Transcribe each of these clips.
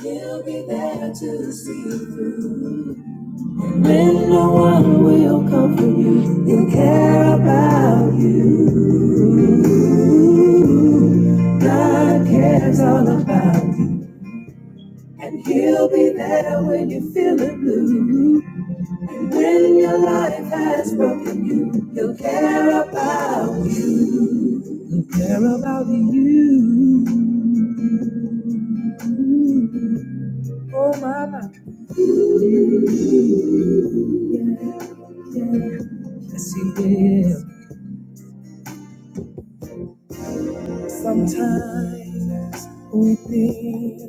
You'll be there to see through. When no one will comfort you, he'll care about you. God cares all about you. And he'll be there when you are feeling blue. And when your life has broken you, he'll care about you. He'll care about you. Oh, my mama. Yeah, yeah. Yes, he will. Sometimes we think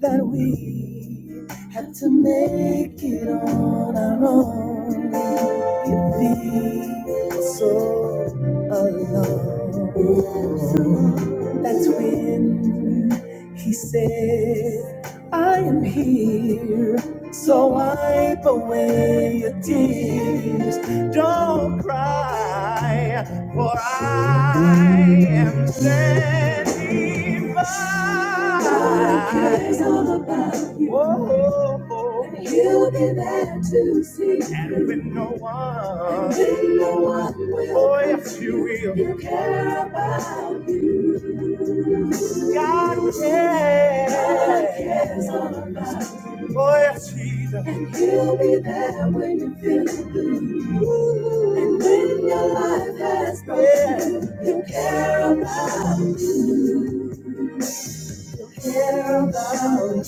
that we have to make it on our own. It feels so alone. That's when he said, I am here, so wipe away your tears. Don't cry, for I am standing by. God cares all about you. Whoa. whoa. And he'll be there to see. you. And when no one, and when no one will, oh, yes, you will. You care about you. God cares. Oh, yes, Jesus. And he'll be there when you feel it. And when your life has broken, yeah. he'll care about, he'll care about.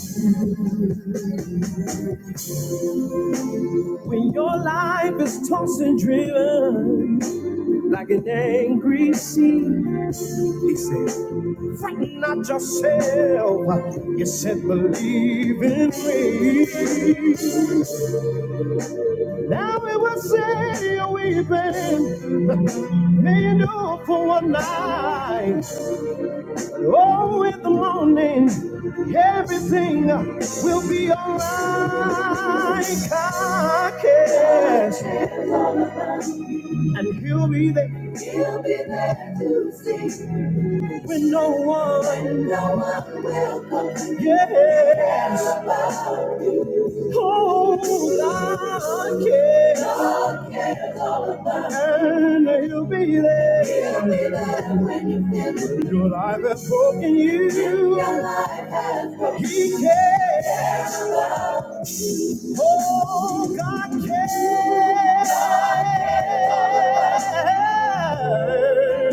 When your life is tossed and driven like an angry sea, he says, frighten not yourself. You said, believe in me. Now we will say, weeping. Made up for one night. Oh, in the morning, everything will be alright. I guess. And he'll be there when no one cares. Oh, I guess. And he'll be there. Your life has broken you. He cares. Oh, God cares.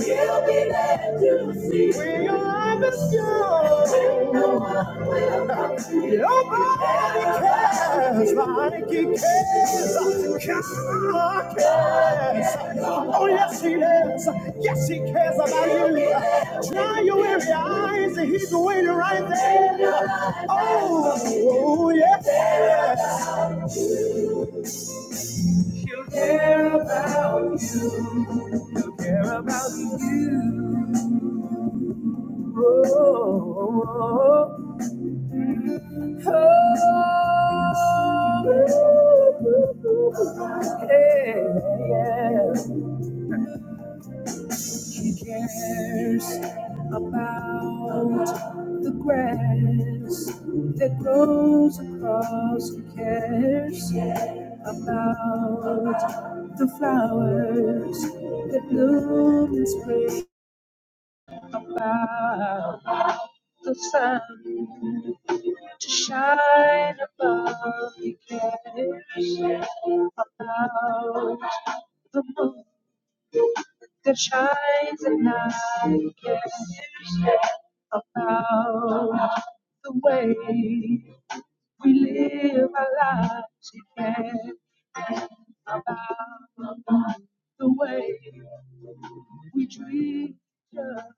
He'll be there to see. We are the cure. No one will come to you. Nobody cares like he cares. God cares. Oh, yes, he does. Yes, he cares about you. Dry your weary eyes. He's waiting right there. Oh, oh yes. Care about you. Care about you. Oh, oh, oh. oh. Hey, yeah. She cares about the grass that grows across. She cares about the flowers that bloom in spring. About the sun to shine above. She cares about the moon that shines at night and I can about the way we live our lives. It cares about the way we treat each other.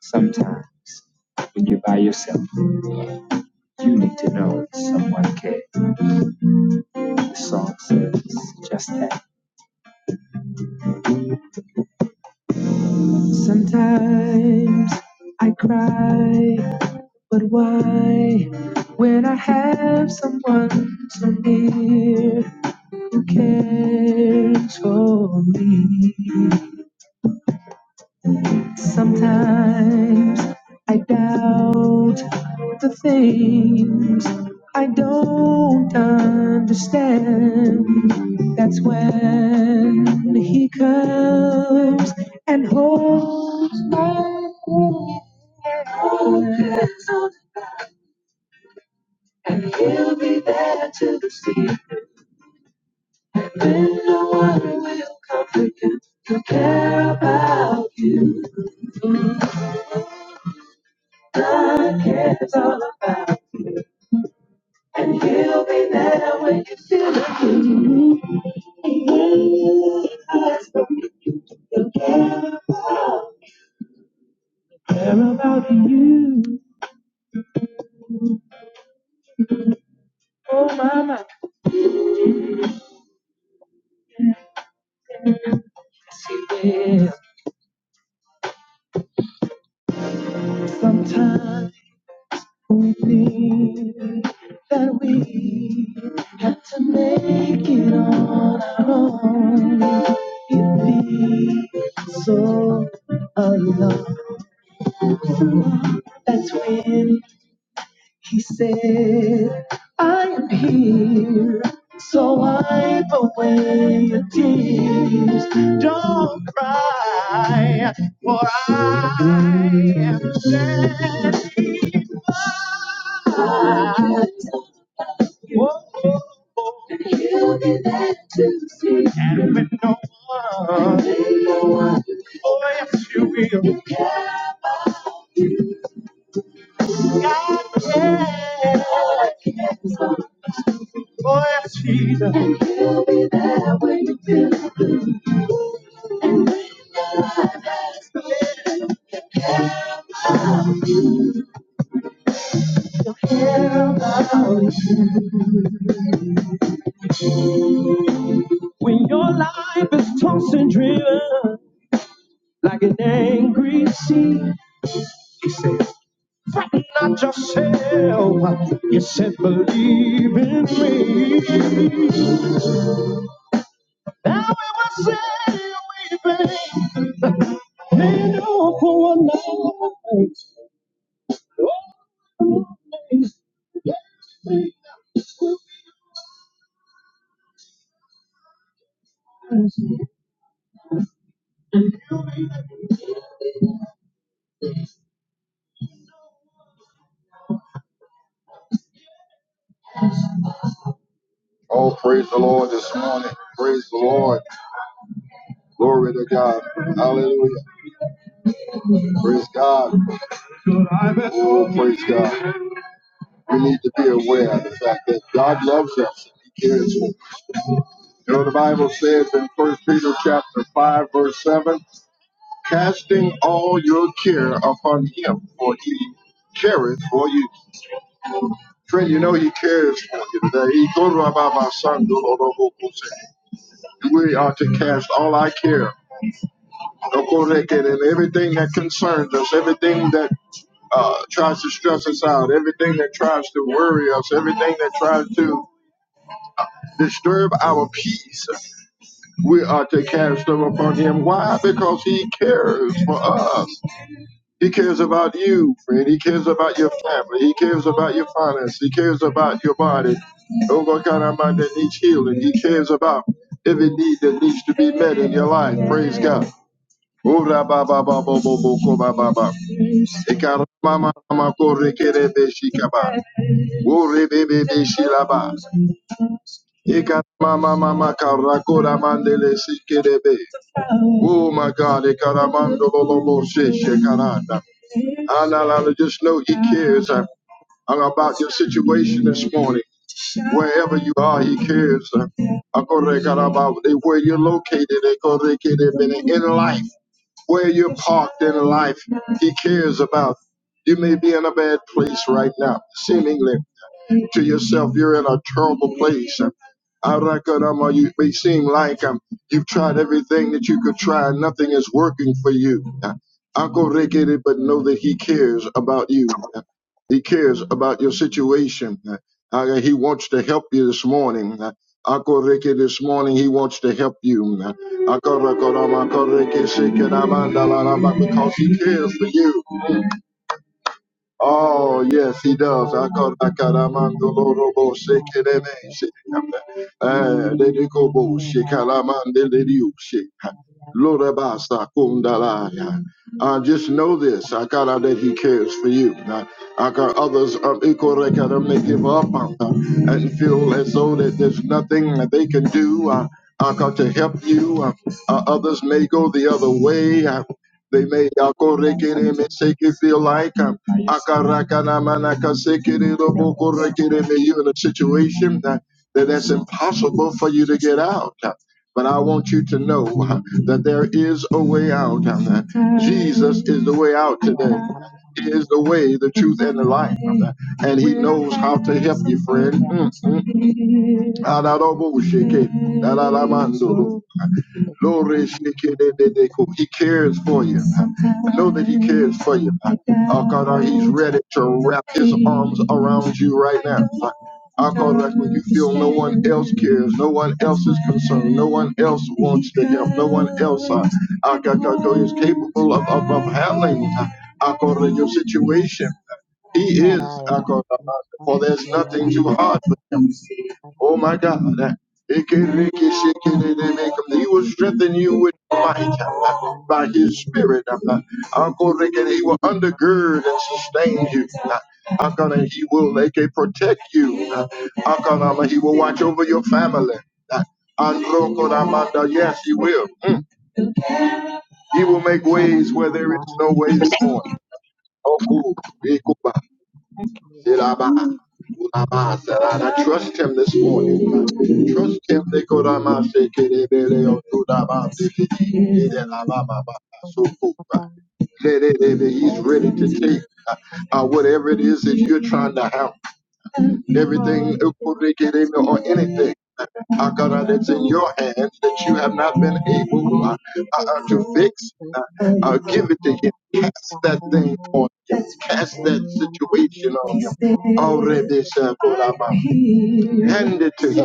Sometimes when you're by yourself. Sometimes I cry, but why? When I have someone so near, who cares for me. Sometimes I doubt the things I don't understand. That's when he comes and holds my hand. Oh, mama, yes, he will. Sometimes. We Only that we had to make it on our own. It feels so alone. That's when he said, I am here. So wipe away your tears. Don't cry, for I am standing by. Oh, oh, oh, and with no one. Oh, yes, you will. God, yeah. Oh, yes, Jesus. When your life is tossed and driven like an angry sea, fret not yourself. You said, believe in me. Now we will say, weeping. May no for one night. Oh, Oh, praise the Lord this morning. Praise the Lord. Glory to God. Hallelujah. Praise God. Oh, praise God. We need to be aware of the fact that God loves us. He cares for us. You know, the Bible says in First Peter chapter 5, verse 7, casting all your care upon him, for he careth for you. Friend, you know he cares for you today. He told about my son. We are to cast all our care and everything that concerns us, everything that uh, tries to stress us out, everything that tries to worry us, everything that tries to disturb our peace, we are to cast them upon Him. Why? Because He cares for us. He cares about you, friend. He cares about your family. He cares about your finance. He cares about your body. Oh, what kind of mind that needs healing? He cares about every need that needs to be met in your life. Praise God. Oh, ra ba ba ba bo bo bo ko ba ba ba. Ikarama mama kore kere beshi kaba. Ore bebe beshi laba. Ikarama mama karakora mandele sikere Oh my God, ikaramando lolo she shekaranda. Analala, just know he cares uh, about your situation this ele morning. Wherever you are, he ele cares. uh, Akore karaba, Where you're located, ikore kere bene, in life. where you're parked in life, He cares about. You may be in a bad place right now, seemingly you to yourself, you're in a terrible place. And Arakarama, you may seem like um, you've tried everything that you could try, and nothing is working for you. Uh, Uncle but know that he cares about you. Uh, He cares about your Thank situation. Uh, uh, He wants to help you this morning. Uh, Uncle this morning he wants to help you. Uh, Uncle Ricky, Uncle Because he cares for you. Oh, yes, he does. Akadakaramandolorobo shekelebeshe. Eh, dedikobo shekalamandelidiushe. Lorabasa kundalaya. Uh, just know this, Akara, that he cares for you. Now, Aka, others of Ikorekara may give up uh, and feel as though that there's nothing that they can do uh, Aka, to help you. Uh, uh, others may go the other way. They may yako rekere me shake it feel like I'm akarakana manaka sekere boko rekere me. You're in a situation that, that that's impossible for you to get out. um, But I want you to know uh, that there is a way out. Jesus is the way out today. He is the way, the truth, and the life. And he knows how to help you, friend. Mm, mm. Adorobo sheke, adalamanzoro. Glory shikidididiko. He cares for you. Know that He cares for you. Oh God, uh, He's ready to wrap His arms around you right now. Oh God, like when you feel no one else cares, no one else is concerned, no one else wants to help, no one else, uh, oh God, God, God is capable of, of, of handling, uh, oh God, your situation. He is, oh God, uh, for there's nothing too hard for Him. Oh my God. He will que se strengthen you with despega might a by his spirit. Uncle Rick, and he will undergird and sustain you. Uncle, he will like, protect you. Uncle, um, he will watch over your family. Uncle, um, yes, he will. Mm. He will make ways where there is no way this morning. Oh, cool. Shilaba, Ulaba, Sarada. Trust him this morning. Trust him. Nikodama, Shekinebele, Otudaba, Sifidi, Idelababa, He's ready to take uh, uh, whatever it is that you're trying to handle. Everything or anything. uh, God, uh, that's you. in your hands that you have not been able uh, uh, Thank uh, to fix. Uh, uh, give it to him. Cast that thing on him. Cast that situation on him. Already said, Hand it to him.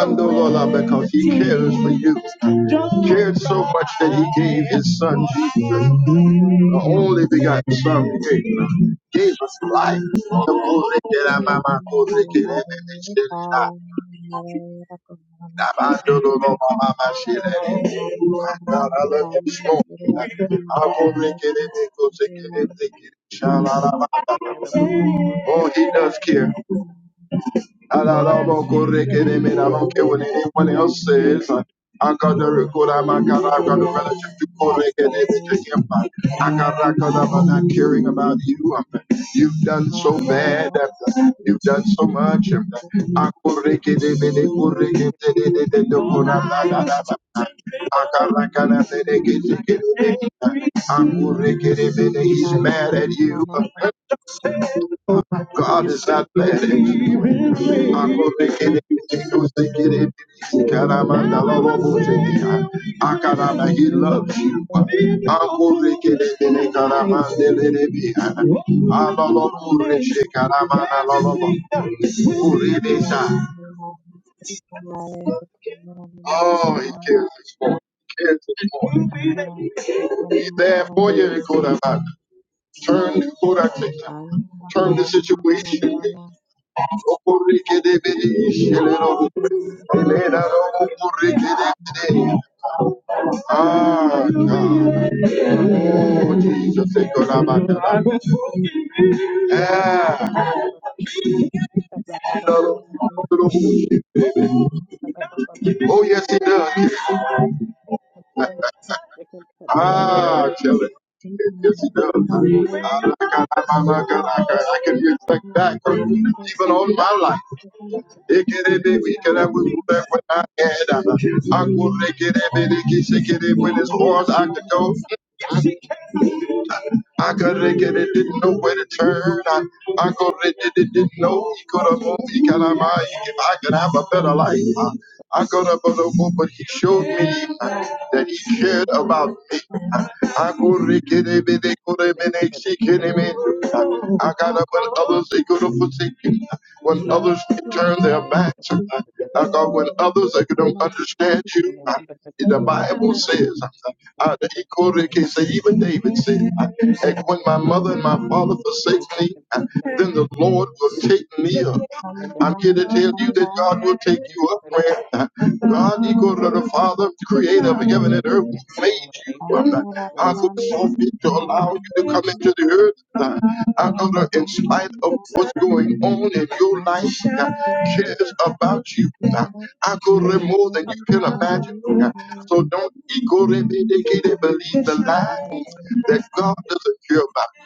Ando Lola, Because he cares for you. He Cared so much that he gave his son the only begotten Son who gave, gave us life. God, I love you this morning. magia da babá Oh, he does care. I don't know about care what anyone else says. que I got the record, I'm I got I got a relative to correct and everything. I got I got I'm not caring about you. You've done so bad. You've done so much. I correct it, it, correct it, it, it, se it, it, the I'm not, i got I got I'm you. despega Thank He's mad at you. God is not bad. I'm gonna get it. He loves you. I'm gonna Akorekerekerekerekarabandelerebeya. Aloloboreshekarabandalolobo. Orebesa. Oh, he cares for you. He cares for you. He's there for you. Rekoraba. Turn Rekoraba, to him. Turn the situation. Okurike de beni şelero. Elena okurike de beni. Ah, God. Oh, Jesus. ekolabata. que Ah, ele vai babá babá babá babá que que babá babá babá babá que Oh, que yes, he babá babá que does. que que babá Ah, tell it. Yes, he does. I can reflect back on even on my life. It can be we can have moved back when I had. I could make it a bit. when as far as I could go. I got naked and didn't know where to turn. I, I got naked didn't know he could have moved. He could have mine. If I could have a better life, I, I got up on the but he showed me uh, that he cared about me. Uh, I go naked and they could have ele been vai a babá babá babá ele que ele vai babá babá ele vai babá babá ele shaking me. Uh, I got up when others they could have forsaken. me. Uh, When others they turn their backs, uh, Thank I got when others they don't understand you. The Bible says, uh, the Ikoreke say, even David said, uh, and when my mother and my father forsake vai me, babá babá uh, then the Lord will take me up. I'm here to tell you that God will take you up where uh, God, you to the Father, creator of heaven and earth, who Lord, made you. Amen. I've observed it to allow you to come into the earth. God. I know that in spite of what's going on in your life, God cares about you. God. I go there more than you can imagine. God. So don't ego believe the lie that God doesn't care about.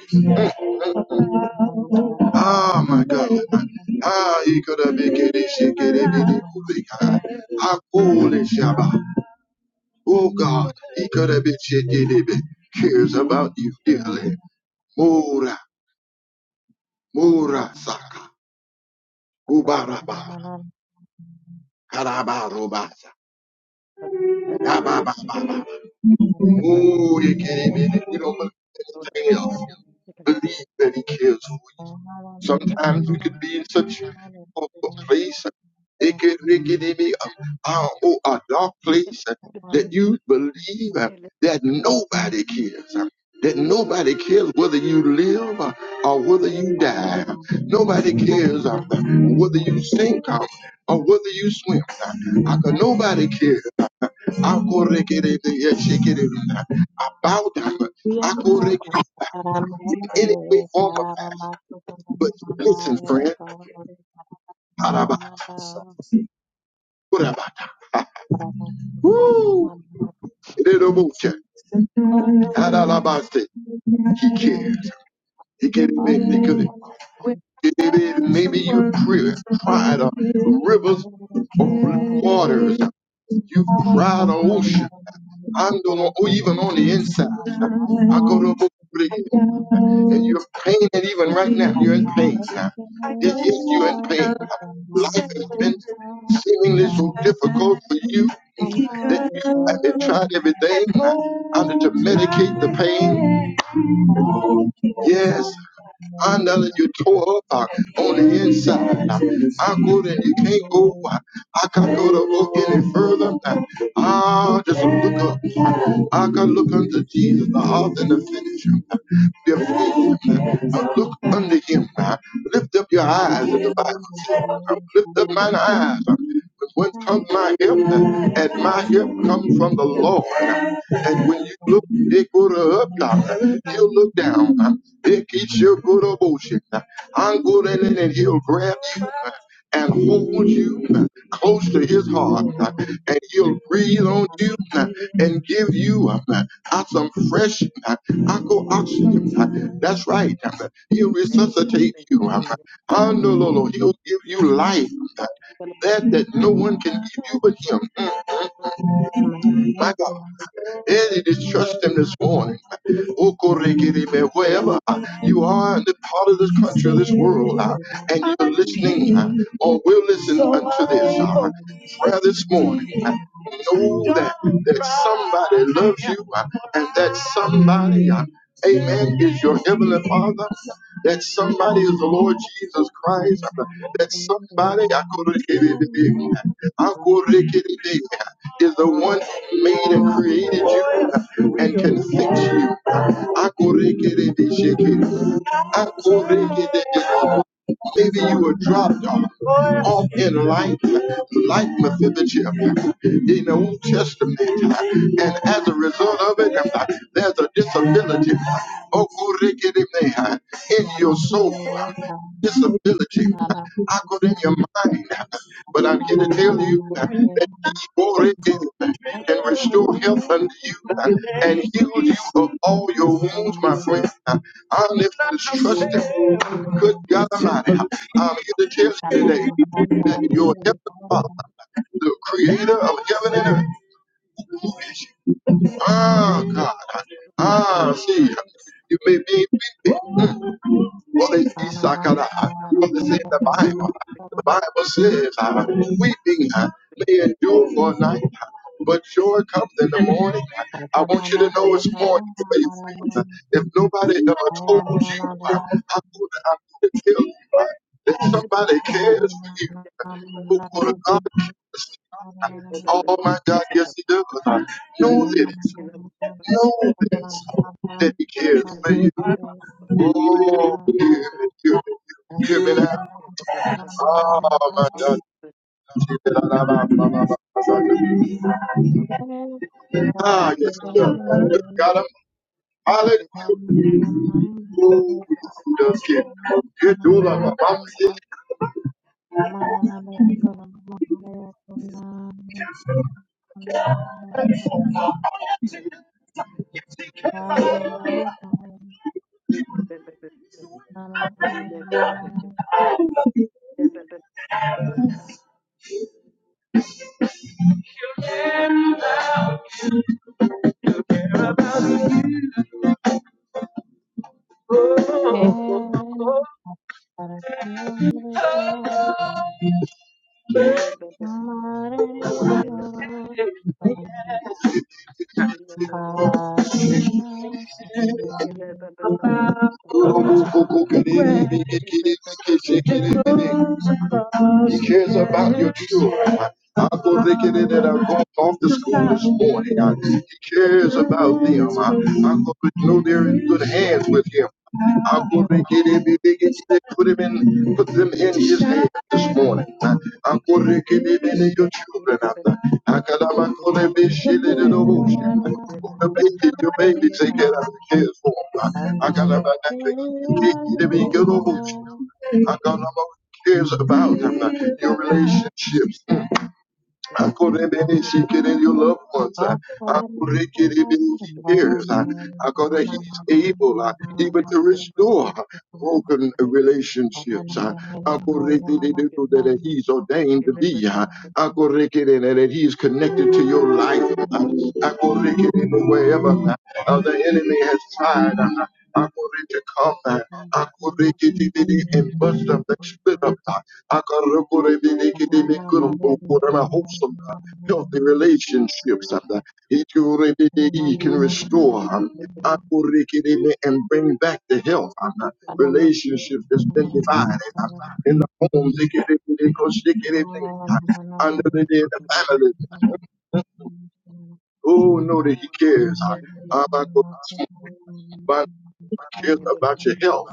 Ah, my God. Ah, he could have been getting sick, getting ego How foolish, Shabbat. Oh, God. he could have been sick, getting Ego cares about you dearly. Oh, Mura saka. Gubara baba. Karabarobasa. Yabababa. Oh, you can't even, you don't believe anything else. Believe that he cares for you. Sometimes you can be in such a a place, it can, it can be a, a, oh, a dark place uh, that you you. believe uh, that nobody cares. uh, That nobody cares whether you live uh, or whether Thank you die. Nobody cares uh, whether you sink uh, or whether you swim. Aka nobody care. Akorekere, yes, shekere. Bow down. Akorek in any way, form, or fact. But listen, friend. Araba. Uraba. Ereroboche. Aralabaste. He cared. He cared. Maybe could. Maybe your prayer cried uh, rivers of waters. You cried on ocean. I'm doing, or even on the inside. I go to And you're pained even right now. Thank You're in pain now. Yes, yes, you're in pain. Life has been seemingly so difficult for you that you have been trying everything uh, under to medicate the pain. Yes, I know that you tore up uh, on the inside. Uh, I go that you can't go. uh, I can't go to look any further. Uh, I just look up. I can look unto Jesus, the author and the finisher. their food and look unto him. Lift up your eyes, as the Bible says. Lift up mine eyes. But when comes my help, and my help comes from the Lord. And when you look, they go to up, he'll look down. They keep your good of ocean. I'm good at it, and he'll grab you and hold you close to his heart. And he'll breathe on you and give you out some fresh uh, aqua oxygen. uh, That's right. uh, He'll resuscitate you. uh, Andololo, He'll give you life. uh, That that no one can give you but him. Mm, My God. you. And it is trust him this morning. Okoregerebe, Wherever uh, you are in the part of this country, this world, uh, and you're listening uh, or will listen unto this uh, prayer this morning. Know that, that somebody loves you uh, and that somebody, uh, amen, is your heavenly father. That somebody is the Lord Jesus Thank Christ. uh, That somebody I could I could is the one who made and created you uh, and can fix you. Uh, I could Maybe you were dropped off, off in life, like Mephibosheth in the Old Testament. And as a result of it, there's a disability Okurikidime, in your soul, disability, I got in your mind. But I'm here to tell you Glory again and restore health unto you uh, and heal you of all your wounds, my friend. Uh, I lift this trust in good you. God Almighty. Uh, I'm here to tell you today that your heavenly Father, the creator of heaven and earth, Amen. Ah, God. Ah, see. You may be Well, it's Isakara. From the same the Bible. The Bible says, uh, weeping uh, may endure for a night, uh, but joy comes in the morning. I want you to know it's morning, faith. uh, If nobody ever told you, uh, I'm gonna, I'm gonna tell you uh, that somebody cares for you. Who could have God? Oh my God, yes, he does. I Thank know this you. know that He cares for you. Oh, give it you, you, give it out. Oh, my God. You've been out, out, out, out, out, out, out. Ah, yes, he does. Got him. Hallelujah. Oh, Eleven yes, he does care. You do love him. Mama said, Thank "Go, go, go, go, go, get it, get it, get it, get it, get it, get it, get it." He cares about your children. I go thinking that that I go off to school this morning. Uh, He cares about them. Uh, i go to know they're in good hands with him. I'm going to get him, they get- they put him in, put them in his hands this morning. Uh, I'm going to get him in your children. Uh, I got a man called him, he shit in the ocean. The baby, your baby, take it out, cares for him. I got a man that can get him in your ocean. I don't know what cares about them, your relationships. Akorebebe shikere, Your loved ones. uh, akorekerebe He cares. uh, akore- Thank He's able uh, even to restore uh, broken relationships. uh, akorekerebe That He's ordained to be. uh, akorekerebe That He's connected to your life. uh, akorekerebe Wherever uh, uh, the enemy has tried uh, akore- to come uh, akorekerebe and bust up, and split you. up. uh, wholesome, Thank healthy relationships uh, he can restore um, and bring back the health um, relationships that's been divided um, in the homes under the, the family. Oh, know that he cares. you. uh, about- cares about your health.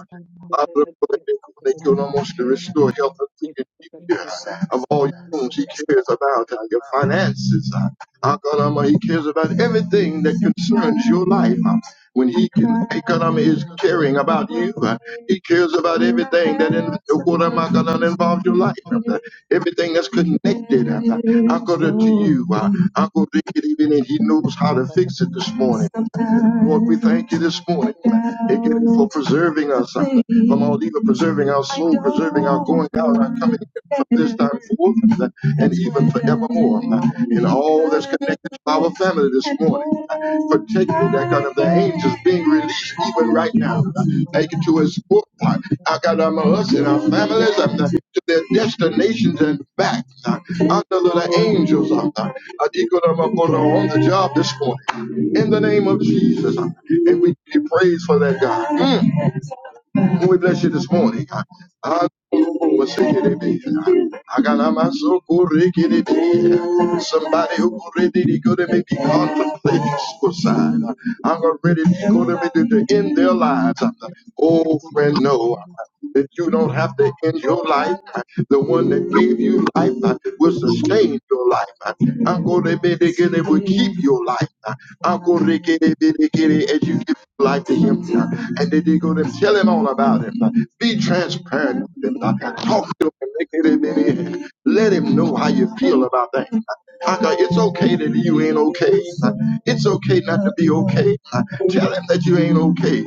I will pray that you make your to restore health and dignity yes, of all your wounds. He cares about uh, your finances. Uh, uh, God Almighty, he cares about everything that concerns your life. Uh, when he can, uh, God Almighty is caring about you. Uh, he cares about everything that in, uh, God Almighty, God Almighty, involves your life. Uh, everything that's connected. Uh, I go to you. Uh, I go to it even and he knows how to fix it this morning. Lord, we thank you this morning again for preserving us uh, from all evil, preserving our soul, preserving our going out, our coming in from this time forth uh, and even forevermore. uh, in all that's connected to our family this morning for taking me that God of the angels being released even right now. Take it to his foot. I got um, us and our families um, to their destinations and back uh, under the angels of God. I think that I'm on the job this morning in the name of Jesus. uh, And we give you praise for that, God. Mm. Oh, we bless you this morning. Ah, Masikiribi. Agalamasokorikiribi. Somebody who already going to be contemplating suicide. I'm already going to be the end their lives. Oh, friend, no that you don't have to end your life. The one that gave you life uh, will sustain your life. Uh, Uncle Rebekah will keep your life. Uh, Uncle Rebekah, as you give your life to him, uh, and then they go to tell him all about him. Uh, Be transparent with him. Uh, Talk to him. Let him know how you feel about things. I it's okay that you ain't okay. uh. It's okay not to be okay. uh. Tell him that you ain't okay.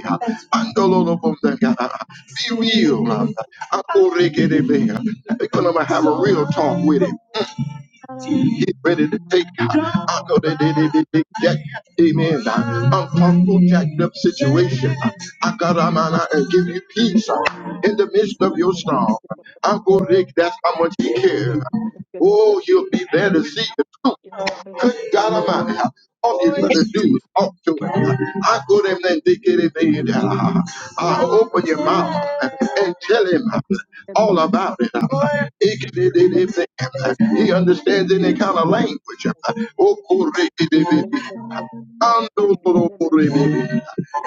Andololo bom danga. Be real, man. I go reggae they be. Because I'm gonna have a real talk with him. Get ready to take it. I go they they they they they jack. Amen. Uncomfortable, jacked up situation. I got a man and give you peace in the midst of your storm. I'm gonna reggae. That's how much he cares. Oh, he'll be there to see you. Garama, of his renew up to him. I go them and they get him in. I open your mouth and tell him all about it. He can do anything. He understands any kind of language. Oh, correct. Ando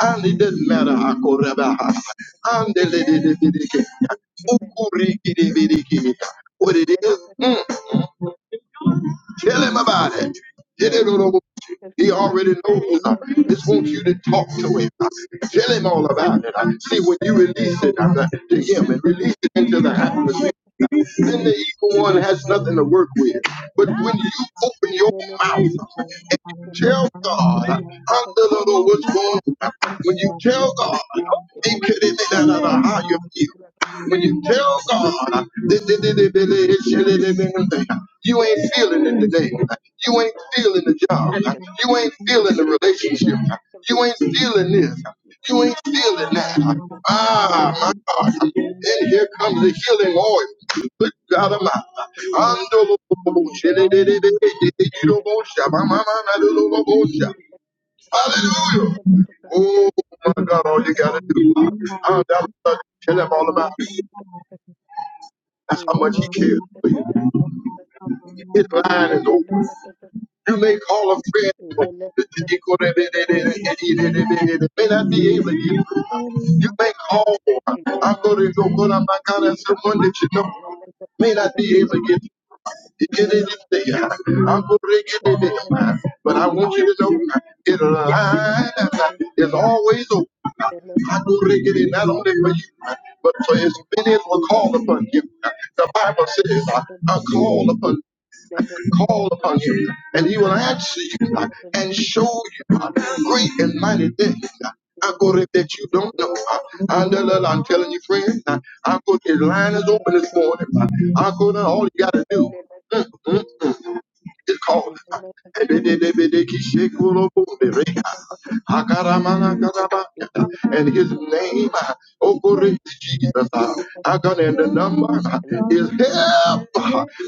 And it you. doesn't matter how koreba. Thank And the lady, the lady, what it is. mm, Tell him about it. He already knows. uh, Just want you to talk to him. uh, Tell him all about it. uh. See, when you release it uh, to him and release it into the atmosphere, Thank then the evil one has nothing to work with. But when you open your mouth, tell God, i under the Lord, what's going on. When you tell God, uh, he could have been out of how you feel. When you tell God "Di- di- di- di- di- di- di- di- di- di- di," you ain't feeling it today, you ain't feeling the job, you ain't feeling the relationship, you ain't feeling this, you ain't feeling that. Ah, my God. And here comes the healing oil. Good God of mine. Hallelujah. Oh, my God, all you got to do. I'll tell them all about it. you. you. That's how Thank much he Thank cares for you. His line is open. You may call a friend. but They may not be able to get through. You may call. I'm going to go, but I'm not going to someone that you know may not be able to get through. But I want you to know it line is always open. I do it not only for you, but for as many as will call upon him. The Bible says, I call upon call upon him, and he will answer you uh, and show you uh, great and mighty things. I go there that you don't know. uh, I, I'm telling you, friend, uh, I go, his line is open this morning. uh, I go, now all you got to do is called. And his you. name, oh glory to Jesus, Hakan and the number is help.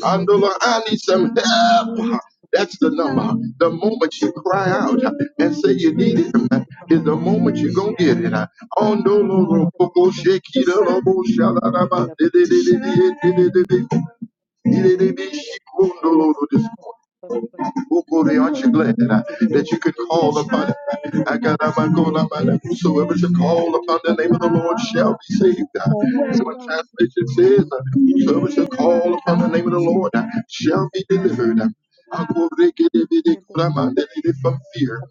And I need some help. That's the number. The moment you cry out and say you need him is the moment you're going to get it. On the Lord, oh, oh, shake it, oh, oh, shalalaba, di- di- di- di- di- di- di- di- di- di- di- di- di- di- Aren't you glad uh, that you could call upon it? Let Whosoever shall call upon the name of the Lord shall be saved. Uh, And one translation says, uh, Whosoever shall call upon the name of the Lord uh, shall be delivered. Akorekedebidekuramande, From fear.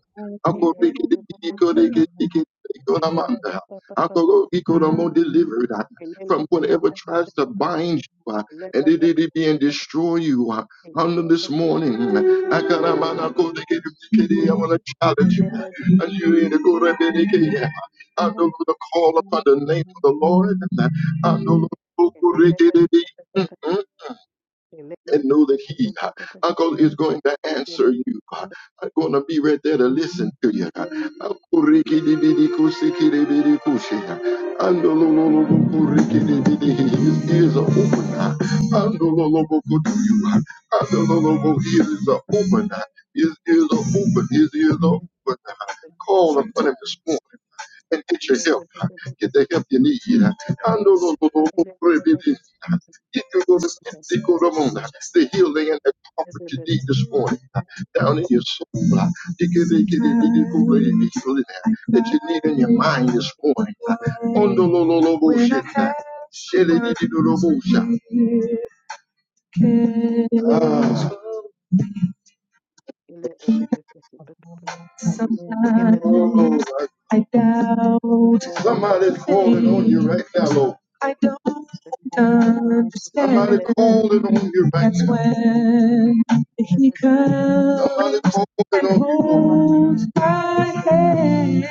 Akorekedebidekurekedekuramanda. Akorokikoromo, Delivered uh, from whatever tries to bind you uh, and it, it, it, and destroy you. uh, on this morning. Akaramana kode kede kede. I want to challenge you. As you in the kore bede kede. I know we to call upon the name of the Lord. I know we're to Thank kore kede de and know that he, uh, Uncle, is going to answer you. Uh, I'm going to be right there to listen to you. Uh, His ears are open. Uh, Uh, His ears are open. Uh, His ears are open. His ears are open. Uh, Call upon him this morning and get your help. Get the help you need. The healing and the comfort you need this morning down in your soul. That you need in your mind this morning. Ah, Sometimes Oh, I doubt. Somebody's calling on you right now, Lord. I don't understand. Somebody calling on you right That's now. That's when he comes. Somebody calling and on you. Holds my hand.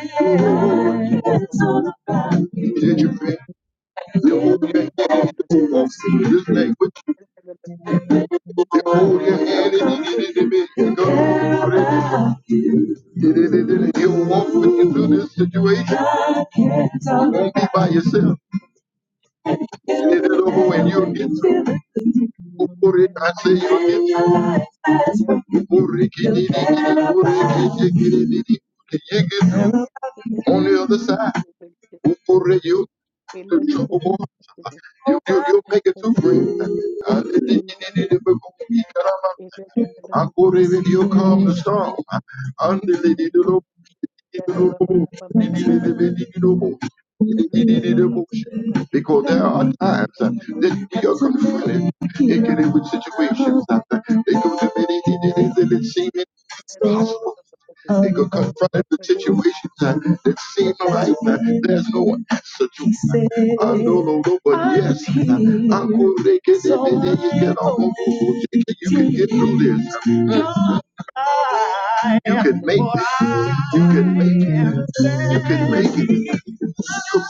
It's all about you. Yeah, you been over this you Hold your hand and you did it, baby. You go. You did walk with you through this situation. You won't be by yourself. when you need to Kukuri, I say you need to Kukuri, on the other side. Kukuri, you the trouble. You, you, make it too great. Uh, didi, didi, when you come the storm. Andi, didi, do, do, didi, do, do, Because there are times uh, Eleven that we are confronted in dealing with situations uh, that uh, they go to many things that seem impossible. They go confronted with situations uh, that seem like uh, there's no answer to. I no, no, no, but yes, uh, I'm going to get it, and then you get all You can get through this. You can make it. You can make it. You can make it. You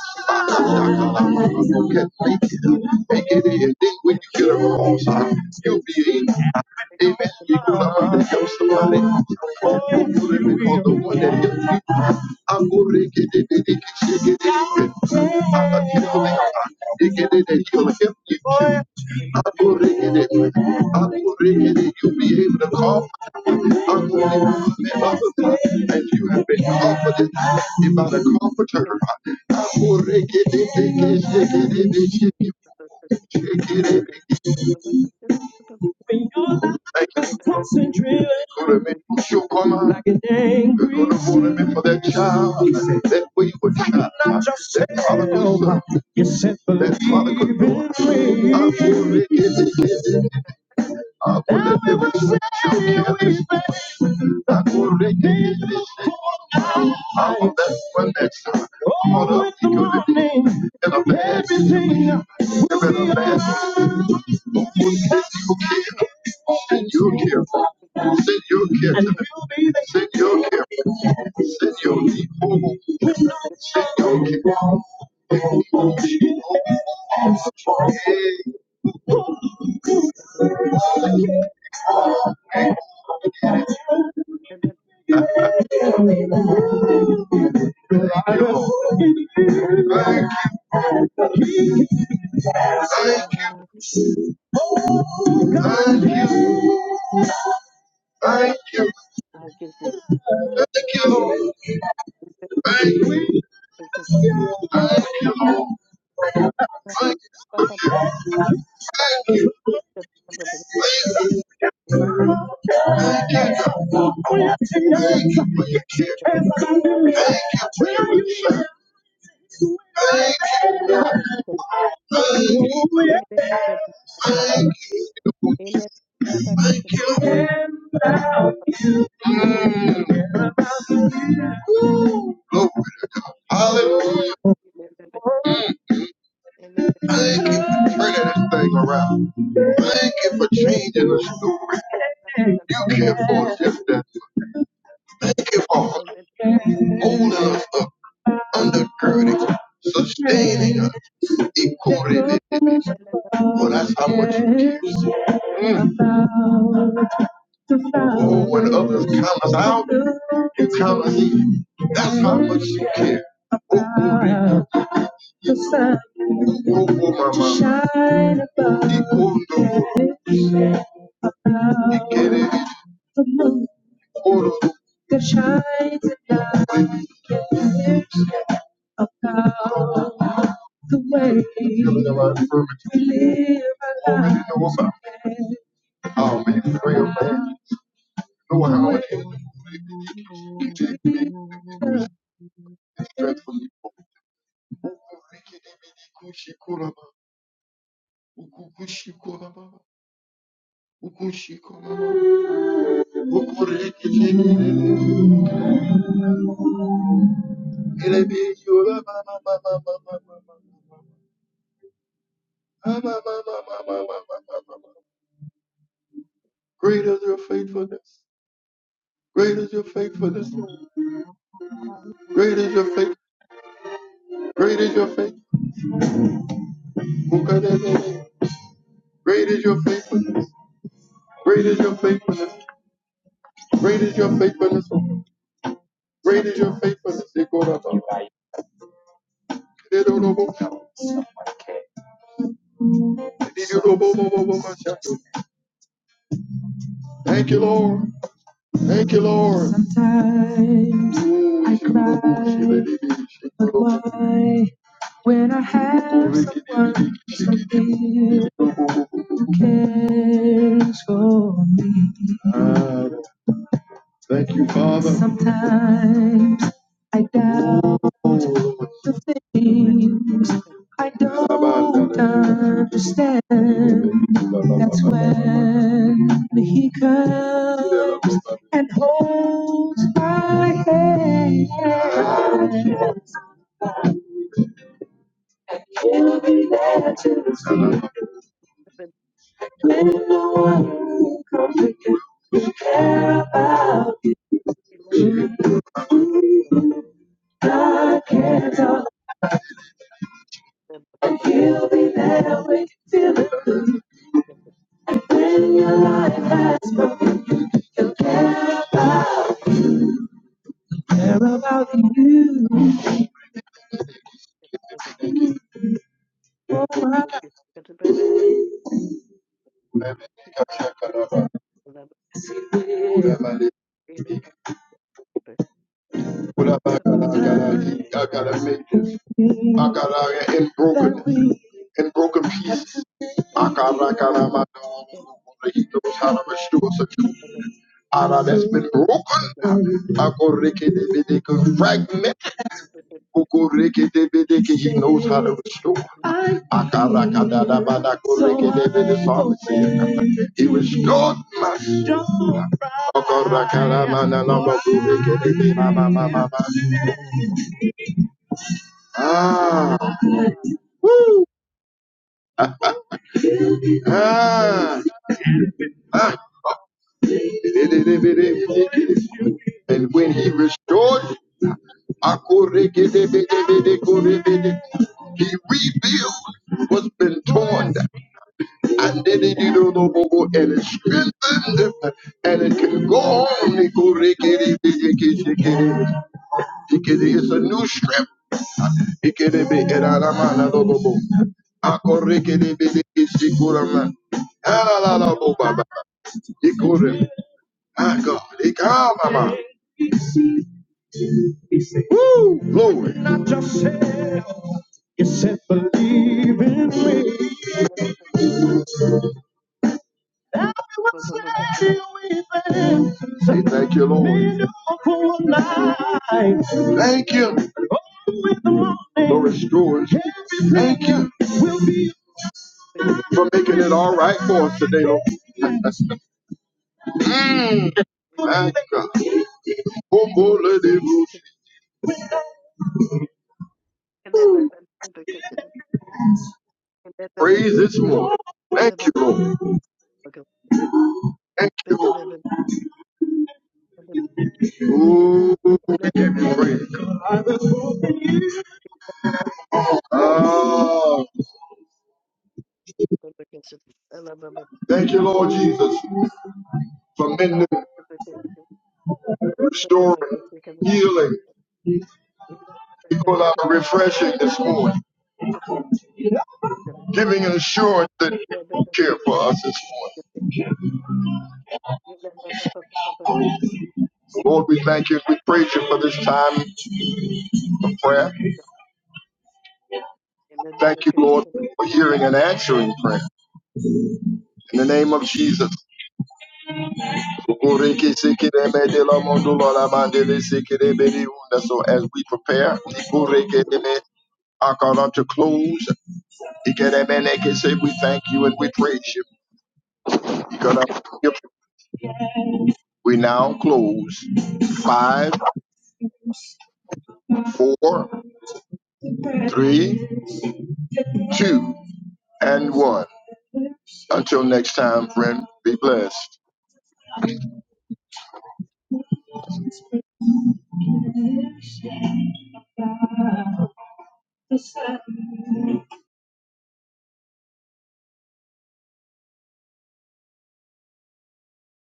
can make it. Make it in. Then when you get across, you'll be in. Amen. You're going to help somebody. Oh, You're going the one that helped you. I'm going to get it. Get it. Get it. I'm healing. They Get it. And he'll help you too. I'm going to get it. I'm going to get it. You'll be able to call. Unbelievable. And you have been comforted by the comforter. For that child that we would have, that prodigal son, that prodigal daughter. I'll power that connects us. Oh, with the morning, everything will be alright. Send your care. Send your care to them. Send your care. Send your people. Send your care. Hey, Ele thank you. Thank you. Thank you. Thank you, Thank you, Lord. Thank you. Thank you, Lord. Thank you. Thank you. Thank you for your care. Thank you. Mm. Hallelujah. Thank you for turning this thing around. Thank you for changing us. Lord. You can't force us. to- Thank you for holding us up, undergirding us, sustaining us. Equally, well, that's how much you care. Mm. Oh, when others count us out, you count us in. That's how much you care. Oh, oh, the sun Oh, oh, mama. Ikondo, ikerere, oro, healing of our infirmities. Already knows our, our main prayer, man. You how it is. you. It's dreadfully Rikidibidikushikuraba, ukukushikuraba, ukushikuraba, ukurekidibidi, elebidiorababababababababababababababababababa. Great is your faithfulness. Great is your faithfulness. Thank Great is your faith. Great is your faith. Ukadebede. Great is your faithfulness. Great is your faithfulness. Great is your faithfulness. Great is your faithfulness. Ikoraba. Thank you, Lord. Thank you, Lord. Sometimes I cry, but why? When I have someone so dear who cares for me, Thank you, Father. Sometimes I doubt the things I don't understand. That's when He comes and holds my hand. That's in the world. But I gotta I gotta make this. I gotta in brokenness, in broken pieces. I gotta, I gotta, my dog. He knows how to restore such a ara that's been Thank you. broken. I go ricky de bideke fragment. Go ricky de bideke. He knows how to restore. I gotta, I gotta, da, ba, da, go ricky the psalmist said, He restored my soul. I gotta, I gotta, man, and I'm a go ricky de bideke. Ah. Ah, ah. And when he restored, he rebuilt what's been torn down. And then he did and it strengthened and it can go on. It's a new strength. Ikedebedaramanalobo. Akorekedebedekisikurama. Alalalobo My God. It come, Mama. Woo! Glory. Not yourself. You said believe in me. And we will say we believe. Say thank you, Lord. Miracle night. Thank you. The restorers. Thank you for making it all right for us today, Lord. Mm. Thank God. Oh, boy, let it loose. Praise this morning. Thank you, Lord. Thank you, Lord. Ooh, we give you Thank praise. Ah, thank you, Lord Jesus, for mending, restoring, healing, we call out a refreshing this morning, giving an assurance that you care for us this morning. So, Lord, we thank you. We praise you for this time of prayer. you. Thank you, Lord, for Thank hearing and answering prayer. In the name of Jesus. So as we prepare, I call up to close. He can have been they can say we thank you and we praise you. He could have we now close. Five, four, three, two, and one. Until next time, friend, be blessed.